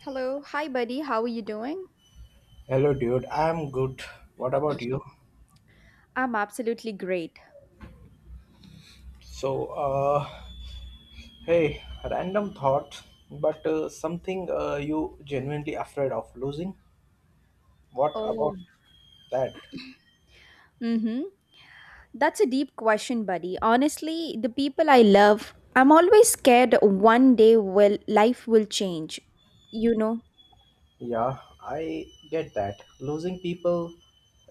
Hello. Hi, buddy. How are you doing? Hello, dude. I'm good. What about you? I'm absolutely great. So, hey, random thought, but something you genuinely afraid of losing? What about Oh. that? Mm-hmm. That's a deep question, buddy. Honestly, the people I love, I'm always scared one day will life will change. You know, Yeah, I get that. Losing people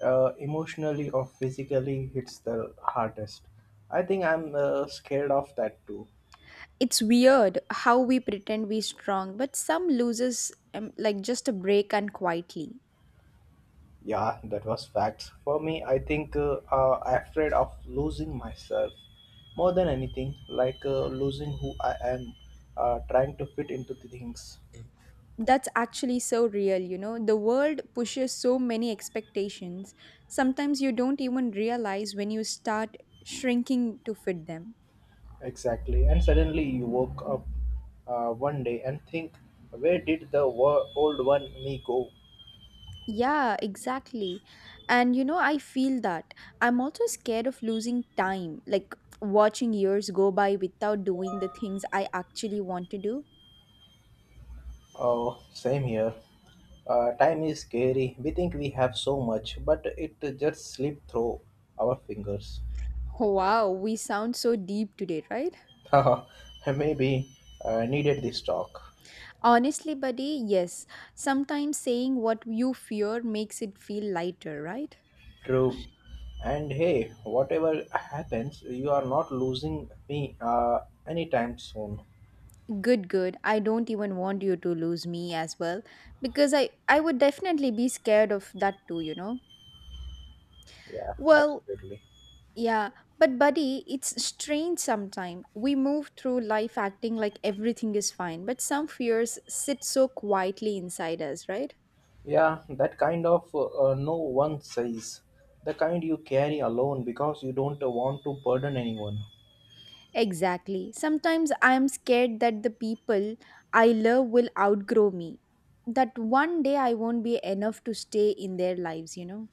emotionally or physically hits the hardest. I think I'm scared of that too. it's weird how we pretend we're strong, but some loses like just a break and quietly. Yeah, that was facts. For me, I think I'm afraid of losing myself more than anything, like losing who I am, trying to fit into the things. That's actually so real, you know. The world pushes so many expectations. Sometimes you don't even realize when you start shrinking to fit them. Exactly. And suddenly you woke up one day and think, where did the old one me go? Yeah, exactly. And you know, I feel that. I'm also scared of losing time, like watching years go by without doing the things I actually want to do. Oh, same here. Time is scary. We think we have so much, but it just slipped through our fingers. Wow, we sound so deep today, right? Haha, maybe I needed this talk. Honestly, buddy, yes. Sometimes saying what you fear makes it feel lighter, right? True. And hey, whatever happens, you are not losing me anytime soon. Good, good. I don't even want you to lose me as well because I would definitely be scared of that too, you know. Yeah, Well, absolutely. yeah, but buddy, it's strange sometimes. We move through life acting like everything is fine, but some fears sit so quietly inside us, right? Yeah, that kind of no one says. The kind you carry alone because you don't want to burden anyone. Exactly. Sometimes I am scared that the people I love will outgrow me, that one day I won't be enough to stay in their lives, you know?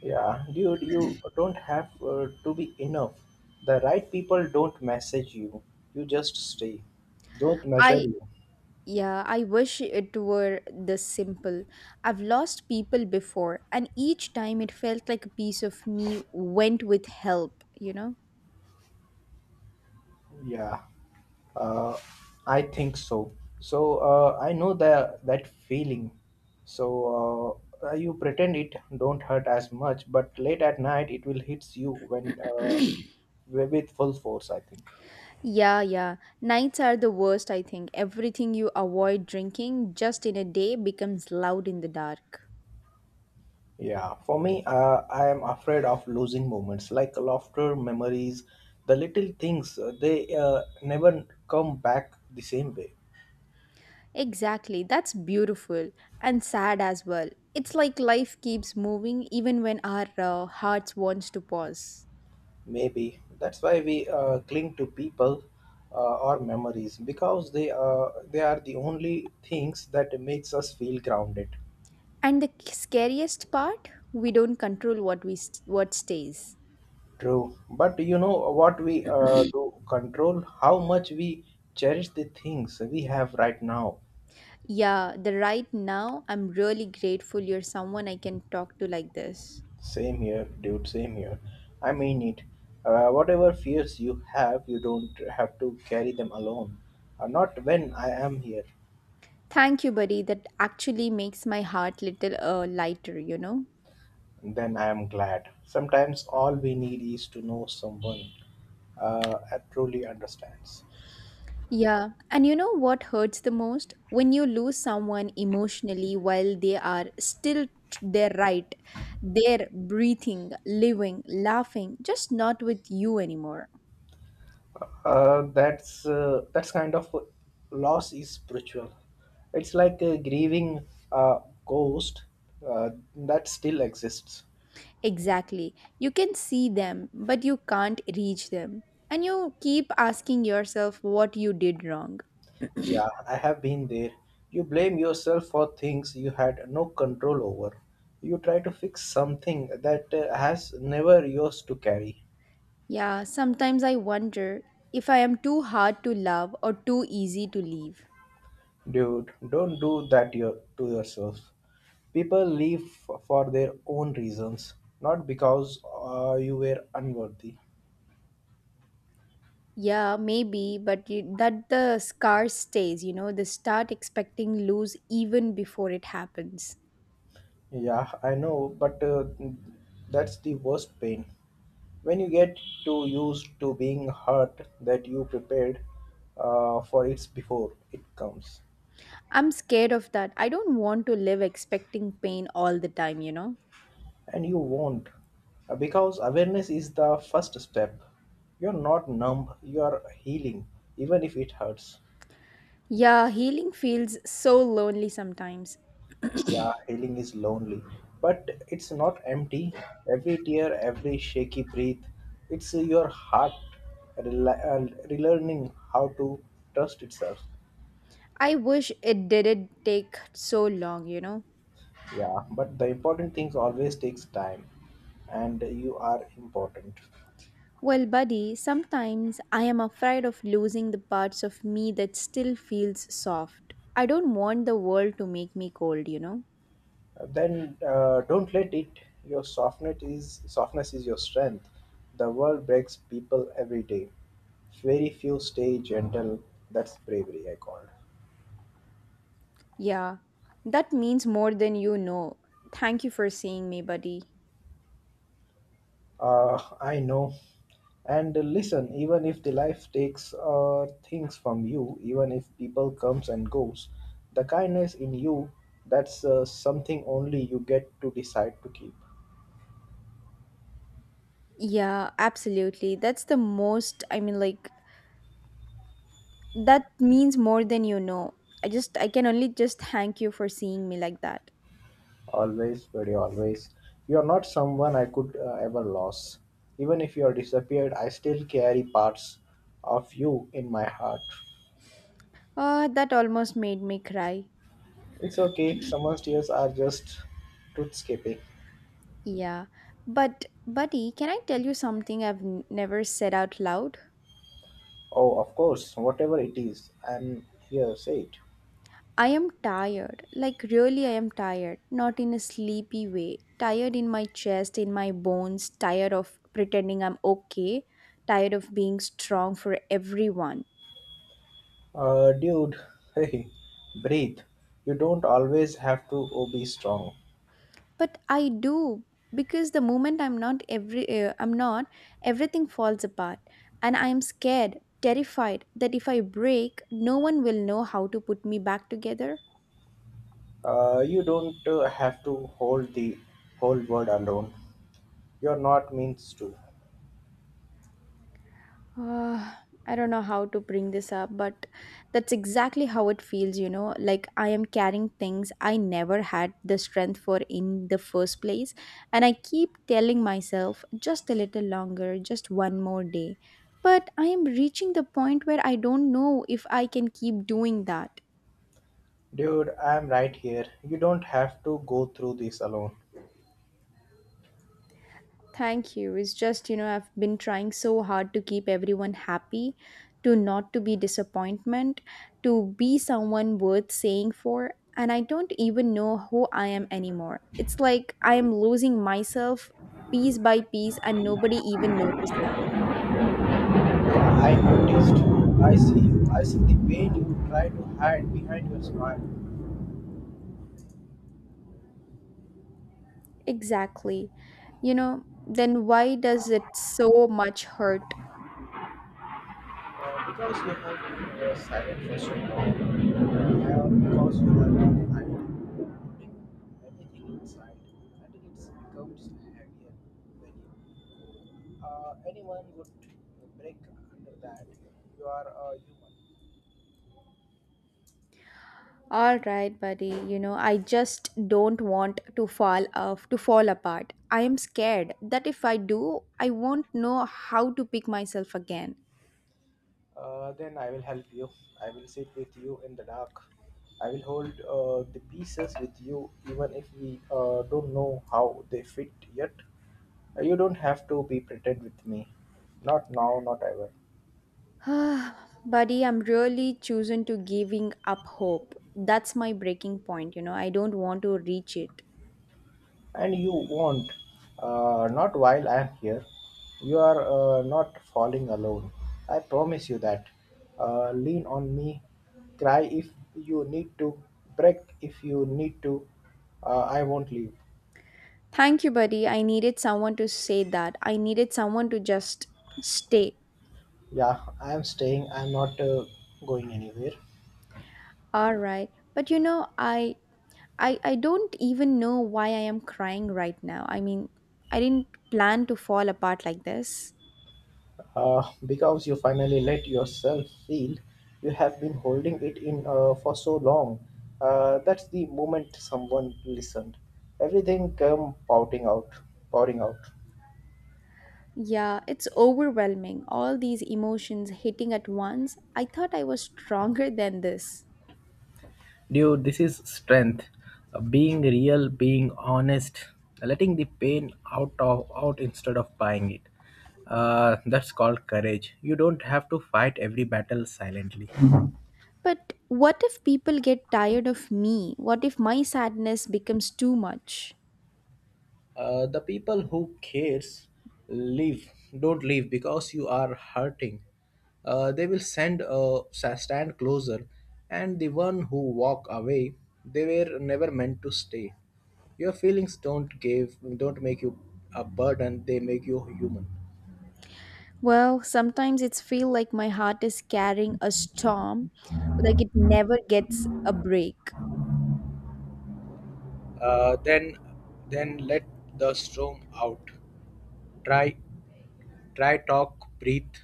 Yeah, dude, you don't have to be enough. The right people don't message you, you just stay. Don't measure I, you. yeah, I wish it were this simple. I've lost people before, and each time it felt like a piece of me went with help, you know? Yeah. Uh, I think so. So I know that feeling. So you pretend it don't hurt as much, but late at night it will hits you when with full force, I think. Yeah, yeah. Nights are the worst, I think. Everything you avoid drinking just in a day becomes loud in the dark. Yeah, for me, I am afraid of losing moments like laughter, memories, the little things. They never come back the same way. Exactly. That's beautiful and sad as well. It's like life keeps moving even when our hearts wants to pause. Maybe that's why we cling to people uh, or memories because they are the only things that makes us feel grounded. And the scariest part, we don't control what stays. True, but you know what we do control how much we cherish the things we have right now. Yeah, the right now I'm really grateful you're someone I can talk to like this. Same here, dude. Same here. I mean it. Whatever fears you have, you don't have to carry them alone. Not when I am here. Thank you, buddy. That actually makes my heart little lighter, you know. Then I am glad. Sometimes all we need is to know someone that truly understands. Yeah, and you know what hurts the most? When you lose someone emotionally while they are their right, they're breathing, living, laughing, just not with you anymore. That's kind of loss is spiritual. It's like a grieving uh, ghost that still exists. Exactly. You can see them, but you can't reach them. And you keep asking yourself what you did wrong. Yeah, I have been there. You blame yourself for things you had no control over. You try to fix something that has never yours to carry. Yeah, sometimes I wonder if I am too hard to love or too easy to leave. Dude, don't do that to yourself. People leave for their own reasons, not because you were unworthy. Yeah, maybe, but you, that the scar stays, you know, they start expecting lose even before it happens. Yeah, I know, but that's the worst pain. When you get too used to being hurt that you prepared for it before it comes. I'm scared of that. I don't want to live expecting pain all the time, you know? And you won't. Because awareness is the first step. You're not numb, you are healing, even if it hurts. Yeah, healing feels so lonely sometimes. Yeah, healing is lonely, but it's not empty. Every tear, every shaky breath, it's your heart relearning how to trust itself. I wish it didn't take so long, you know? Yeah, but the important things always takes time, and you are important. Well, buddy, sometimes I am afraid of losing the parts of me that still feels soft. I don't want the world to make me cold, you know? Then don't let it. Your softness is your strength. The world breaks people every day. Very few stay gentle. That's bravery, I called. Yeah, that means more than you know. Thank you for seeing me, buddy. I know. And listen, even if the life takes things from you, even if people comes and goes, the kindness in you, that's something only you get to decide to keep. Yeah, absolutely. That's the most, I mean, like, that means more than you know. I can only just thank you for seeing me like that. Always, very always. You are not someone I could ever lose. Even if you are disappeared, I still carry parts of you in my heart. That almost made me cry. It's okay, someone's tears are just truth escaping. Yeah, but, buddy, can I tell you something I've never said out loud? Oh, of course, whatever it is, I'm here, say it. I am tired, like really, I am tired, not in a sleepy way. Tired in my chest, in my bones, tired of pretending I'm okay, tired of being strong for everyone. Dude, hey, breathe. You don't always have to be strong. But I do because the moment I'm not every I'm not everything falls apart and I am scared, terrified that if I break, no one will know how to put me back together. You don't have to hold the whole world alone. You're not means to. Uh, I don't know how to bring this up, but that's exactly how it feels, you know. Like I am carrying things I never had the strength for in the first place. And I keep telling myself just a little longer, just one more day. But I am reaching the point where I don't know if I can keep doing that. Dude, I'm right here. You don't have to go through this alone. Thank you. It's just, you know, I've been trying so hard to keep everyone happy, to not to be disappointment, to be someone worth saying for, and I don't even know who I am anymore. It's like I am losing myself piece by piece and nobody even noticing. I noticed. I see you. I see the pain you try to hide behind your smile. Exactly. You know, then why does it so much hurt? Because you have been silent for so long. Yeah, because you have been hiding, holding everything inside, and it becomes heavier than you. Anyone would break under that. You are a human. All right, buddy. You know, I just don't want to fall off, to fall apart. I am scared that if I do, I won't know how to pick myself again. Then I will help you. I will sit with you in the dark. I will hold the pieces with you, even if we don't know how they fit yet. You don't have to be pretend with me. Not now, not ever. Buddy, I'm really chosen to giving up hope. That's my breaking point, you know. I don't want to reach it. And you won't. Not while I am here. You are not falling alone. I promise you that. Lean on me. Cry if you need to. Break if you need to. I won't leave. Thank you, buddy. I needed someone to say that. I needed someone to just stay. Yeah, I am staying. I'm not going anywhere. All right. But you know, I don't even know why I am crying right now. I mean, I didn't plan to fall apart like this. Because you finally let yourself feel. You have been holding it in for so long. That's the moment someone listened. Everything came pouring out. Yeah, it's overwhelming. All these emotions hitting at once. I thought I was stronger than this. Dude, this is strength. Being real, being honest, letting the pain out of out instead of buying it. That's called courage. You don't have to fight every battle silently. But what if people get tired of me? What if my sadness becomes too much? The people who cares leave don't leave because you are hurting. They will stand closer, and the one who walk away, they were never meant to stay. Your feelings don't make you a burden. They make you human. Well, sometimes it's feel like my heart is carrying a storm, like it never gets a break. Uh, then then let the storm out. Try try talk, breathe.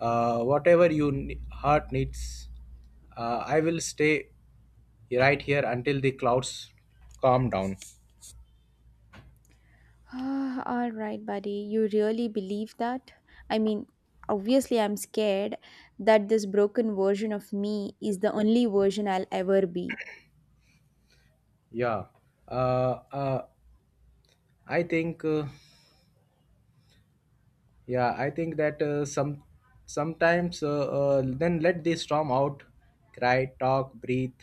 Whatever you heart needs. I will stay right here until the clouds calm down. Ah, all right, buddy. You really believe that? I mean, obviously, I'm scared that this broken version of me is the only version I'll ever be. Yeah. Uh, uh, I think. Yeah, I think that sometimes. Then let the storm out, cry, talk, breathe.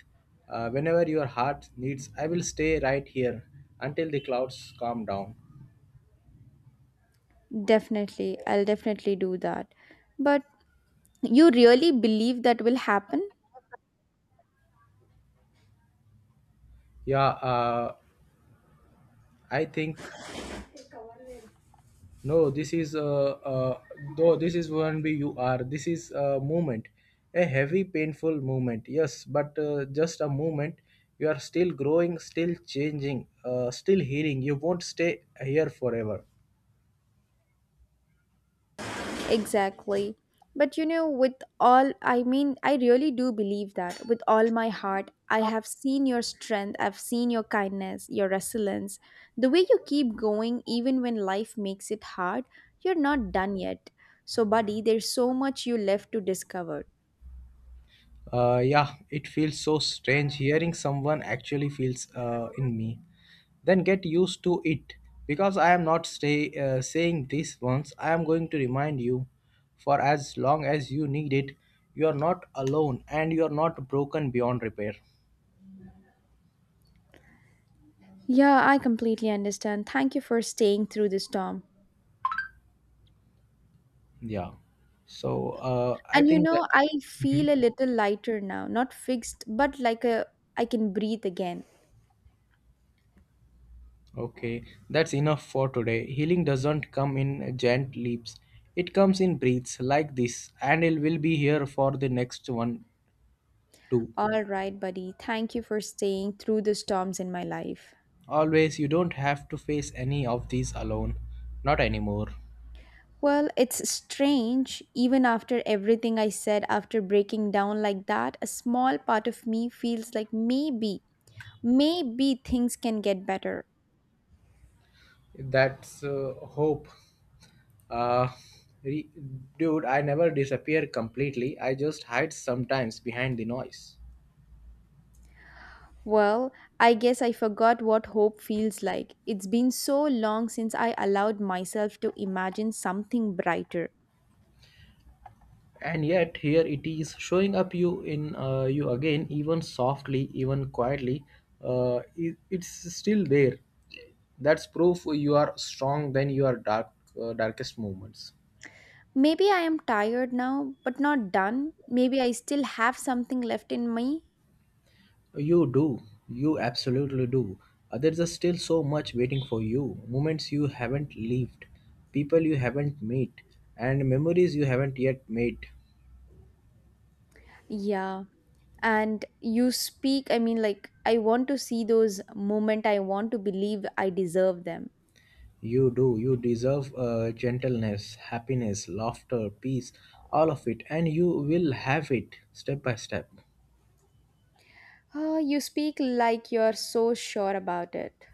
Whenever your heart needs, I will stay right here until the clouds calm down. I'll definitely do that. But you really believe that will happen? Yeah. I think. No, this is though this is one BUR. This is a movement, a heavy, painful movement. Yes, but just a movement. You are still growing, still changing, still healing. You won't stay here forever. Exactly. But you know, with all, I mean, I really do believe that with all my heart. I have seen your strength, I've seen your kindness, your resilience, the way you keep going even when life makes it hard, you're not done yet. So, buddy, there's so much you left to discover. Yeah, it feels so strange hearing someone actually feels in me. Then get used to it because I am not saying this once. I am going to remind you for as long as you need it. You are not alone and you are not broken beyond repair. Yeah, I completely understand. Thank you for staying through the storm. Yeah. So I And you think that. know, I Mhm. feel a little lighter now, not fixed, but like a I can breathe again. Okay, that's enough for today. Healing doesn't come in giant leaps. It comes in breaths like this, and it will be here for the next one too. All right, buddy. Thank you for staying through the storms in my life. Always, you don't have to face any of these alone. Not anymore. Well, it's strange. Even after everything I said, after breaking down like that, a small part of me feels like maybe, maybe things can get better. That's hope. Uh, re- Dude, I never disappear completely. I just hide sometimes behind the noise. Well, I guess I forgot what hope feels like. It's been so long since I allowed myself to imagine something brighter. And yet, here it is showing up you again, even softly, even quietly. It's still there. That's proof you are strong than your darkest moments. Maybe I am tired now, but not done. Maybe I still have something left in me. You do. You absolutely do. There's just still so much waiting for you. Moments you haven't lived, people you haven't met, and memories you haven't yet made. Yeah, and you speak, I mean, like, I want to see those moment. I want to believe I deserve them. You do. You deserve gentleness, happiness, laughter, peace, all of it, and you will have it step by step. Oh, you speak like you're so sure about it.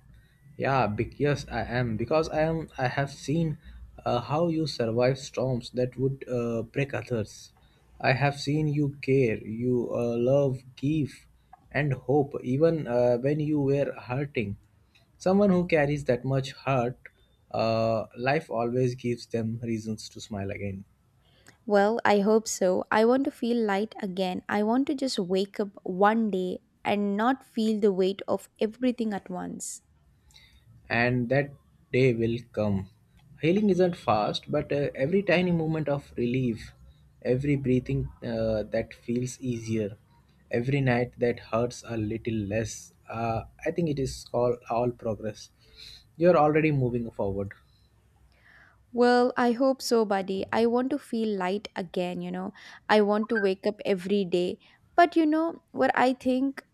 Yeah, yes, I am because I am. I have seen how you survive storms that would break others. I have seen you care, you love, give, and hope even when you were hurting. Someone who carries that much hurt, life always gives them reasons to smile again. Well, I hope so. I want to feel light again. I want to just wake up one day and not feel the weight of everything at once. And that day will come. Healing isn't fast, but every tiny moment of relief, every breathing that feels easier, every night that hurts a little less, I think it is called all progress. You're already moving forward. Well, I hope so, buddy. I want to feel light again, you know. I want to wake up every day. But you know what I think,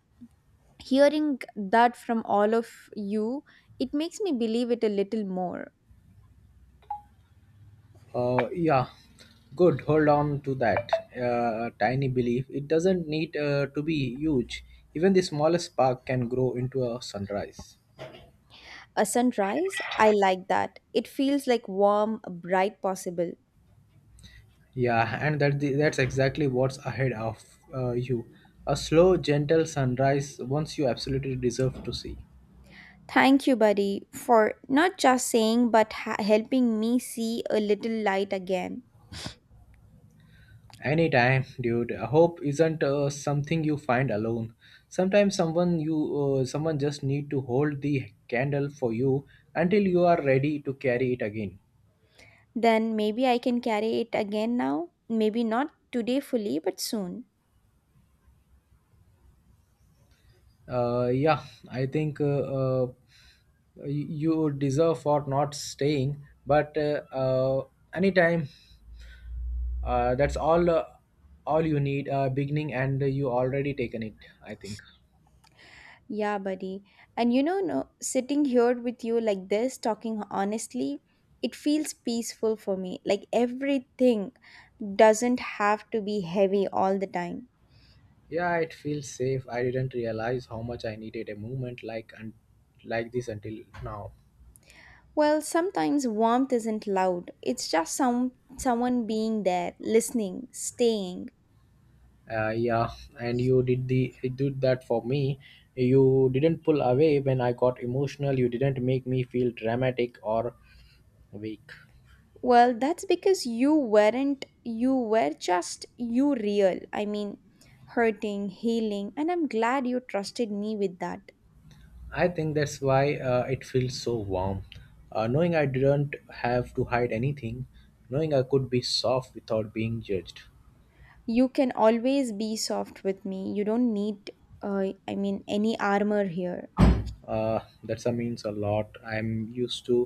hearing that from all of you, it makes me believe it a little more. Yeah, good. Hold on to that tiny belief. It doesn't need to be huge. Even the smallest spark can grow into a sunrise. A sunrise, I like that. It feels like warm, bright, possible. Yeah, and that's exactly what's ahead of you. A slow, gentle sunrise, once you absolutely deserve to see. Thank you, buddy, for not just saying but helping me see a little light again. Anytime, dude. Hope isn't something you find alone. Sometimes someone just need to hold the candle for you until you are ready to carry it again. Then maybe I can carry it again now, maybe not today fully, but soon. Yeah, I think you deserve for not staying, but anytime. That's all you need beginning and you already taken it, I think. Yeah, buddy. And you know, no, sitting here with you like this, talking honestly, it feels peaceful for me. Like everything doesn't have to be heavy all the time. Yeah, it feels safe. I didn't realize how much I needed a movement like this until now. Well, sometimes warmth isn't loud. It's just someone being there, listening, staying. Yeah, and you did the you did that for me. You didn't pull away when I got emotional. You didn't make me feel dramatic or weak. Well, that's because you weren't you were just you real. I mean, hurting, healing, and I'm glad you trusted me with that. I think that's why it feels so warm, knowing I didn't have to hide anything, knowing I could be soft without being judged. You can always be soft with me. You don't need, I mean, Any armor here. That's a means a lot. I'm used to,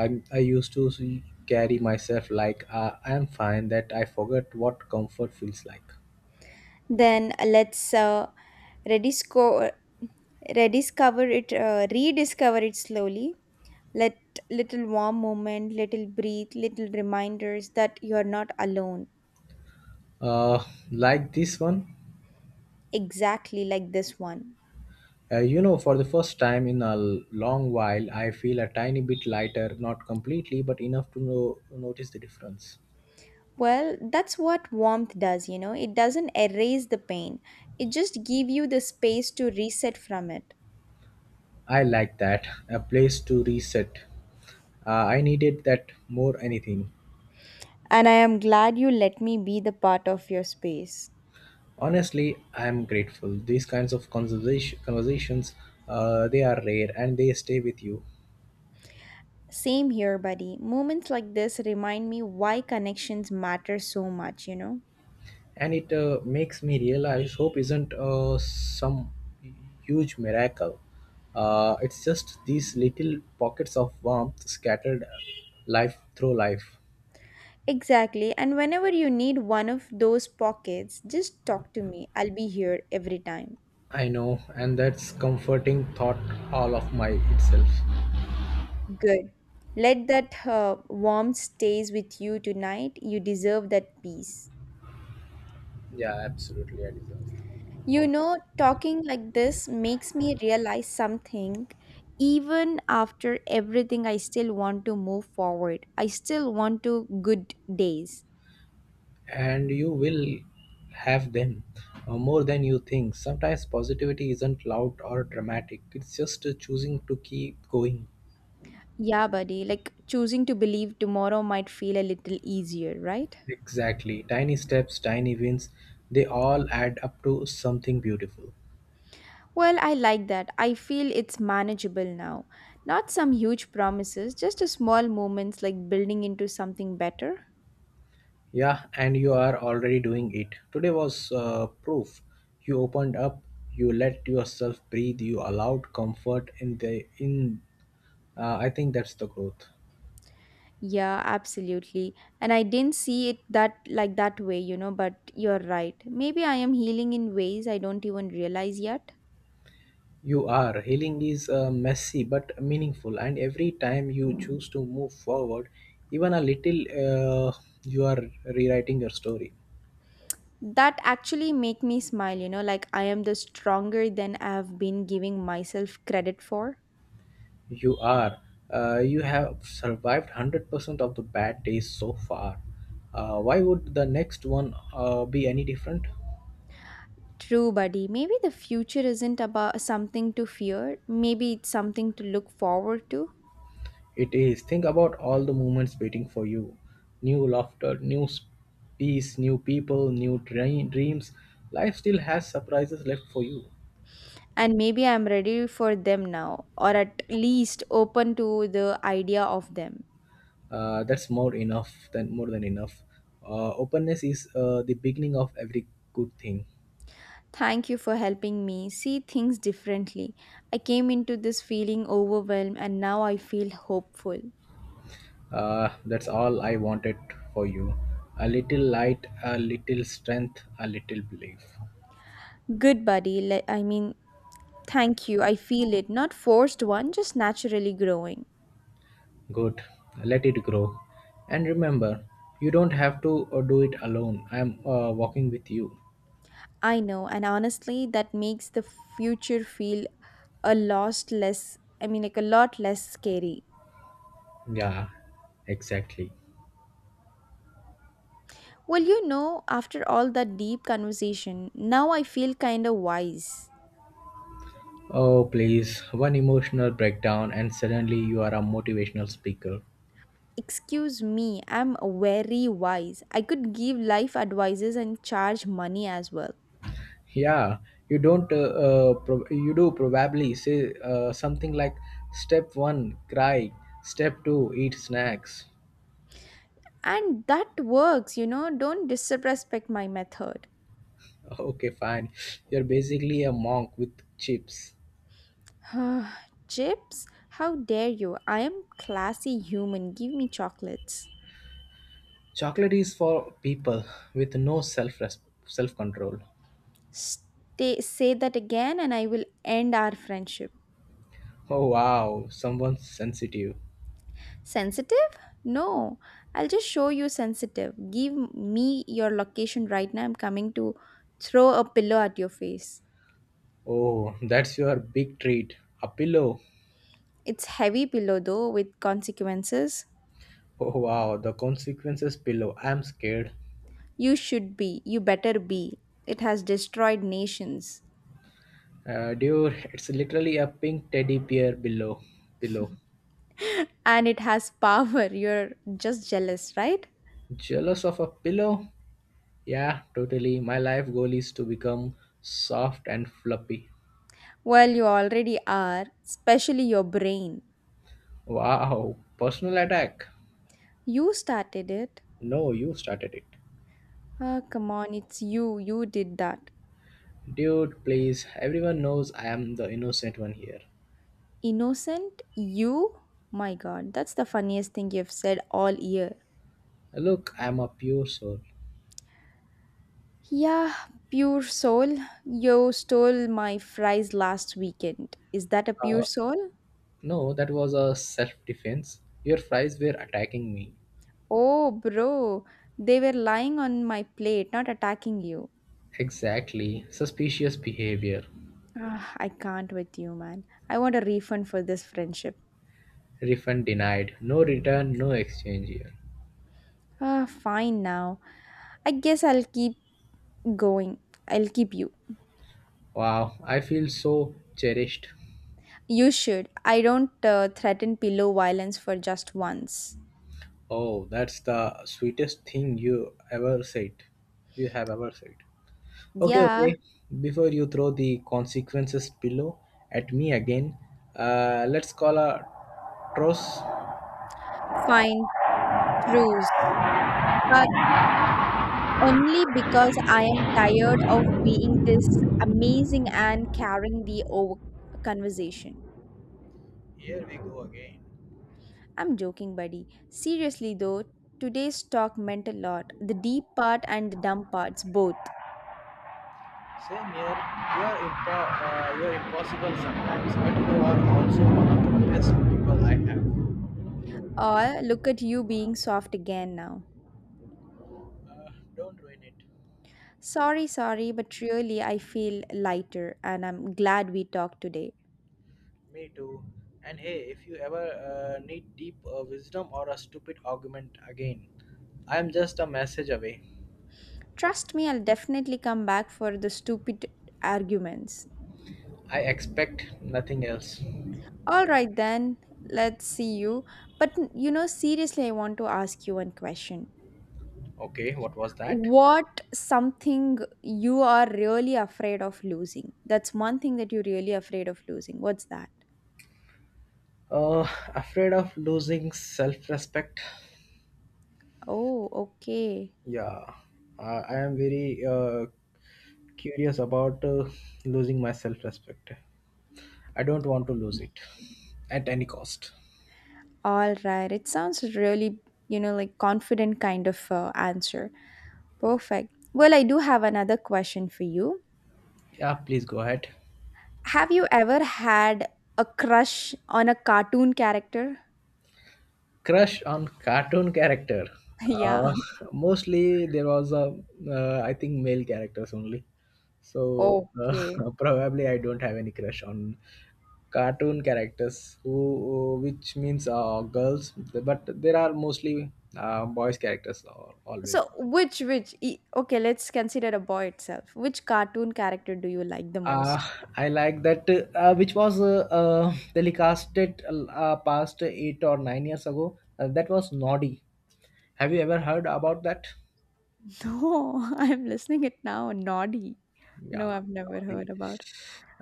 I used to see, carry myself like I am fine, that I forget what comfort feels like. Then let's redisco- rediscover it slowly. Let little warm moment, little breathe, little reminders that you are not alone. uh, like this one. Exactly like this one. You know, for the first time in a long while, I feel a tiny bit lighter, not completely but enough to know, notice the difference. Well, that's what warmth does, you know. It doesn't erase the pain. It just give you the space to reset from it. I like that, a place to reset. I needed that more anything. And I am glad you let me be the part of your space. Honestly, I am grateful. These kinds of conversations, they are rare and they stay with you. Same here, buddy. Moments like this remind me why connections matter so much, you know? And it makes me realize hope isn't some huge miracle. It's just these little pockets of warmth scattered life through life. Exactly. And whenever you need one of those pockets, just talk to me. I'll be here every time. I know, and that's comforting thought all of my itself. Good. Let that warmth stays with you tonight. You deserve that peace. Yeah, absolutely, I deserve. You know, talking like this makes me realize something. Even after everything, I still want to move forward. I still want to good days. And you will have them more than you think. Sometimes positivity isn't loud or dramatic, it's just choosing to keep going. Yeah, buddy, like choosing to believe tomorrow might feel a little easier, right? Exactly. Tiny steps, tiny wins, they all add up to something beautiful. Well, I like that. I feel it's manageable now. Not some huge promises, just a small moments like building into something better. Yeah, and you are already doing it. Today was proof. You opened up, you let yourself breathe, you allowed comfort in. I think that's the growth. Yeah, absolutely. And I didn't see it that like that way, you know, but you're right. Maybe I am healing in ways I don't even realize yet. You are. Healing is messy but meaningful, and every time you choose to move forward, even a little, you are rewriting your story. That actually make me smile, you know, like I am the stronger than I have been giving myself credit for. You are. You have survived 100% of the bad days so far. Why would the next one be any different? True, buddy. Maybe the future isn't about something to fear. Maybe it's something to look forward to. It is. Think about all the moments waiting for you: new laughter, peace, new people, new dreams. Life still has surprises left for you. And maybe I'm ready for them now, or at least open to the idea of them. That's more than enough. Openness is the beginning of every good thing. Thank you for helping me see things differently. I came into this feeling overwhelmed, and now I feel hopeful. That's all I wanted for you: a little light, a little strength, a little belief. Good, buddy. Thank you. I feel it. Not forced one, just naturally growing. Good. Let it grow, and remember, you don't have to do it alone. I'm walking with you. I know, and honestly, that makes the future feel a lot less, I mean, like a lot less scary. Yeah, exactly. Well, after all that deep conversation, now I feel kind of wise. Oh please, one emotional breakdown and suddenly you are a motivational speaker. Excuse me, I'm very wise. I could give life advices and charge money as well. Yeah, you don't. You do probably say something like, "Step one, cry. Step two, eat snacks." And that works, don't disrespect my method. Okay, fine. You're basically a monk with chips. Chips, how dare you? I am classy human. Give me chocolates. Chocolate is for people with no self control. Stay, say that again and I will end our friendship. Oh wow, someone's sensitive. Sensitive? No, I'll just show you sensitive. Give me your location right now. I'm coming to throw a pillow at your face. Oh, that's your big treat. A pillow. It's heavy pillow though with consequences. Oh wow, the consequences pillow. I'm scared. You should be. You better be. It has destroyed nations Dude, it's literally a pink teddy bear below. Pillow. and it has power. You're just jealous, right? Jealous of a pillow? Yeah, totally. My life goal is to become soft and fluffy. Well, you already are, especially your brain. Wow, personal attack. You started it. No, you started it. Ah, come on, it's you. You did that. Dude, please. Everyone knows I am the innocent one here. Innocent? You? My god, that's the funniest thing you've said all year. Look, I am a pure soul. Yeah, pure soul. You stole my fries last weekend. Is that a pure Uh, soul? no, that was a self defense. Your fries were attacking me. Oh, bro. They were lying on my plate, not attacking you. Exactly. Suspicious behavior. Ah, I can't with you, man. I want a refund for this friendship. Refund denied. No return, no exchange here. Ah, fine now. I guess I'll keep going. I'll keep you. Wow, I feel so cherished. You should. I don't threaten pillow violence for just once. Oh, that's the sweetest thing you ever said. You have ever said. Okay, Yeah, okay. Before you throw the consequences pillow at me again, let's call a truce. fine, truce. But only because I am tired of being this amazing and carrying the over conversation. Here we go again. I'm joking, buddy. Seriously, though, today's talk meant a lot. The deep part and the dumb parts, both. Same here. You are you are impossible sometimes, but you are also one of the best people I have. Or look at you being soft again now. Don't ruin it. Sorry, sorry, but really, I feel lighter and I'm glad we talked today. Me too. And hey, if you ever need deep wisdom or a stupid argument again, I am just a message away. Trust me, I'll definitely come back for the stupid arguments. I expect nothing else. All right, then, let's see you. But you know, seriously, I want to ask you one question. Okay, what was that? What something you are really afraid of losing? That's one thing that you're really afraid of losing. What's that? Uh, Afraid of losing self respect? Oh, okay. Yeah, uh, I am very curious about losing my self respect. I don't want to lose it at any cost. All right. It sounds really, you know, like confident kind of answer. Perfect. Well, I do have another question for you. Yeah, please go ahead. Have you ever had a crush on a cartoon character? Crush on cartoon character. Uh, Yeah. Mostly there was a, I think male characters only. So Okay. probably I don't have any crush on cartoon characters, who which means girls. But there are mostly boys characters always. So okay, let's consider a boy itself. Which cartoon character do you like the Uh, most? I like that, which was telecasted past 8 or 9 years ago. That was Noddy. Have you ever heard about that? No, I'm listening it now. Noddy. Yeah, No, I've never heard Noddy. about.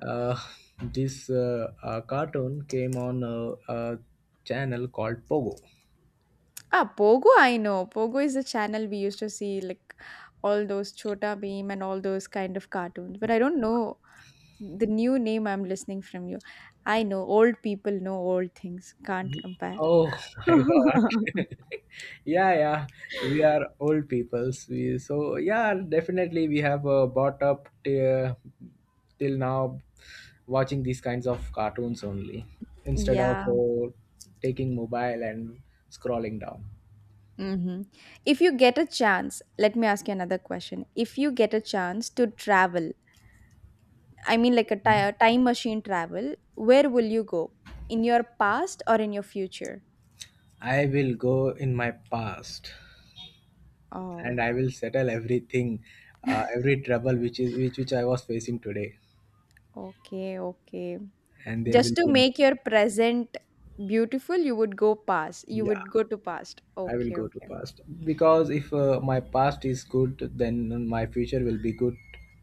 Uh, this cartoon came on a channel called Pogo. Ah, Pogo, I know. Pogo is the channel we used to see, like all those Chota Beam and all those kind of cartoons. But I don't know the new name I'm listening from you. I know old people know old things, can't compare. Oh my god. Yeah, yeah. We are old peoples. We, so yeah, definitely we have bought up till now, watching these kinds of cartoons only instead of Yeah. Taking mobile and scrolling down. Hmm. If you get a chance, let me ask you another question. If you get a chance to travel, I mean, like a time machine travel, where will you go? In your past or in your future? I will go in my past, and Oh, I will settle everything, every trouble which is which I was facing today, okay, okay. and there Just will to be no. make your present beautiful, you would go past. You Yeah, would go to past. I will Okay, go to okay. past because if my past is good, then my future will be good.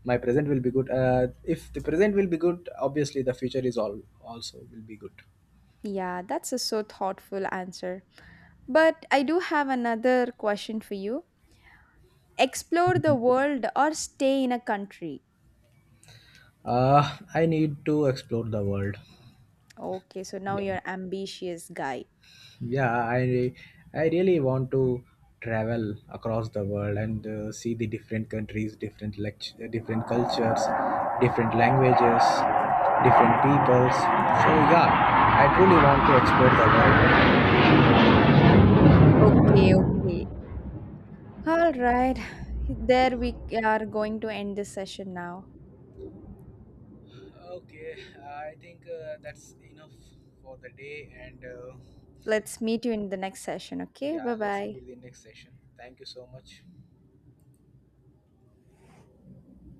My present will be good. If the present will be good, obviously the future is all also will be good. Yeah, that's a so thoughtful answer. But I do have another question for you. Explore the world or stay in a country. I need to explore the world. Okay, so now Yeah. you're ambitious guy. Yeah, I really want to travel across the world and see the different countries, different cultures, different languages, different peoples. So yeah, I truly want to explore the world. Okay, okay. All right. There we are going to end this session now. Okay, I think that's enough for the day, and Let's meet you in the next session, okay? yeah, Bye let's bye. meet the next session. Thank you so much.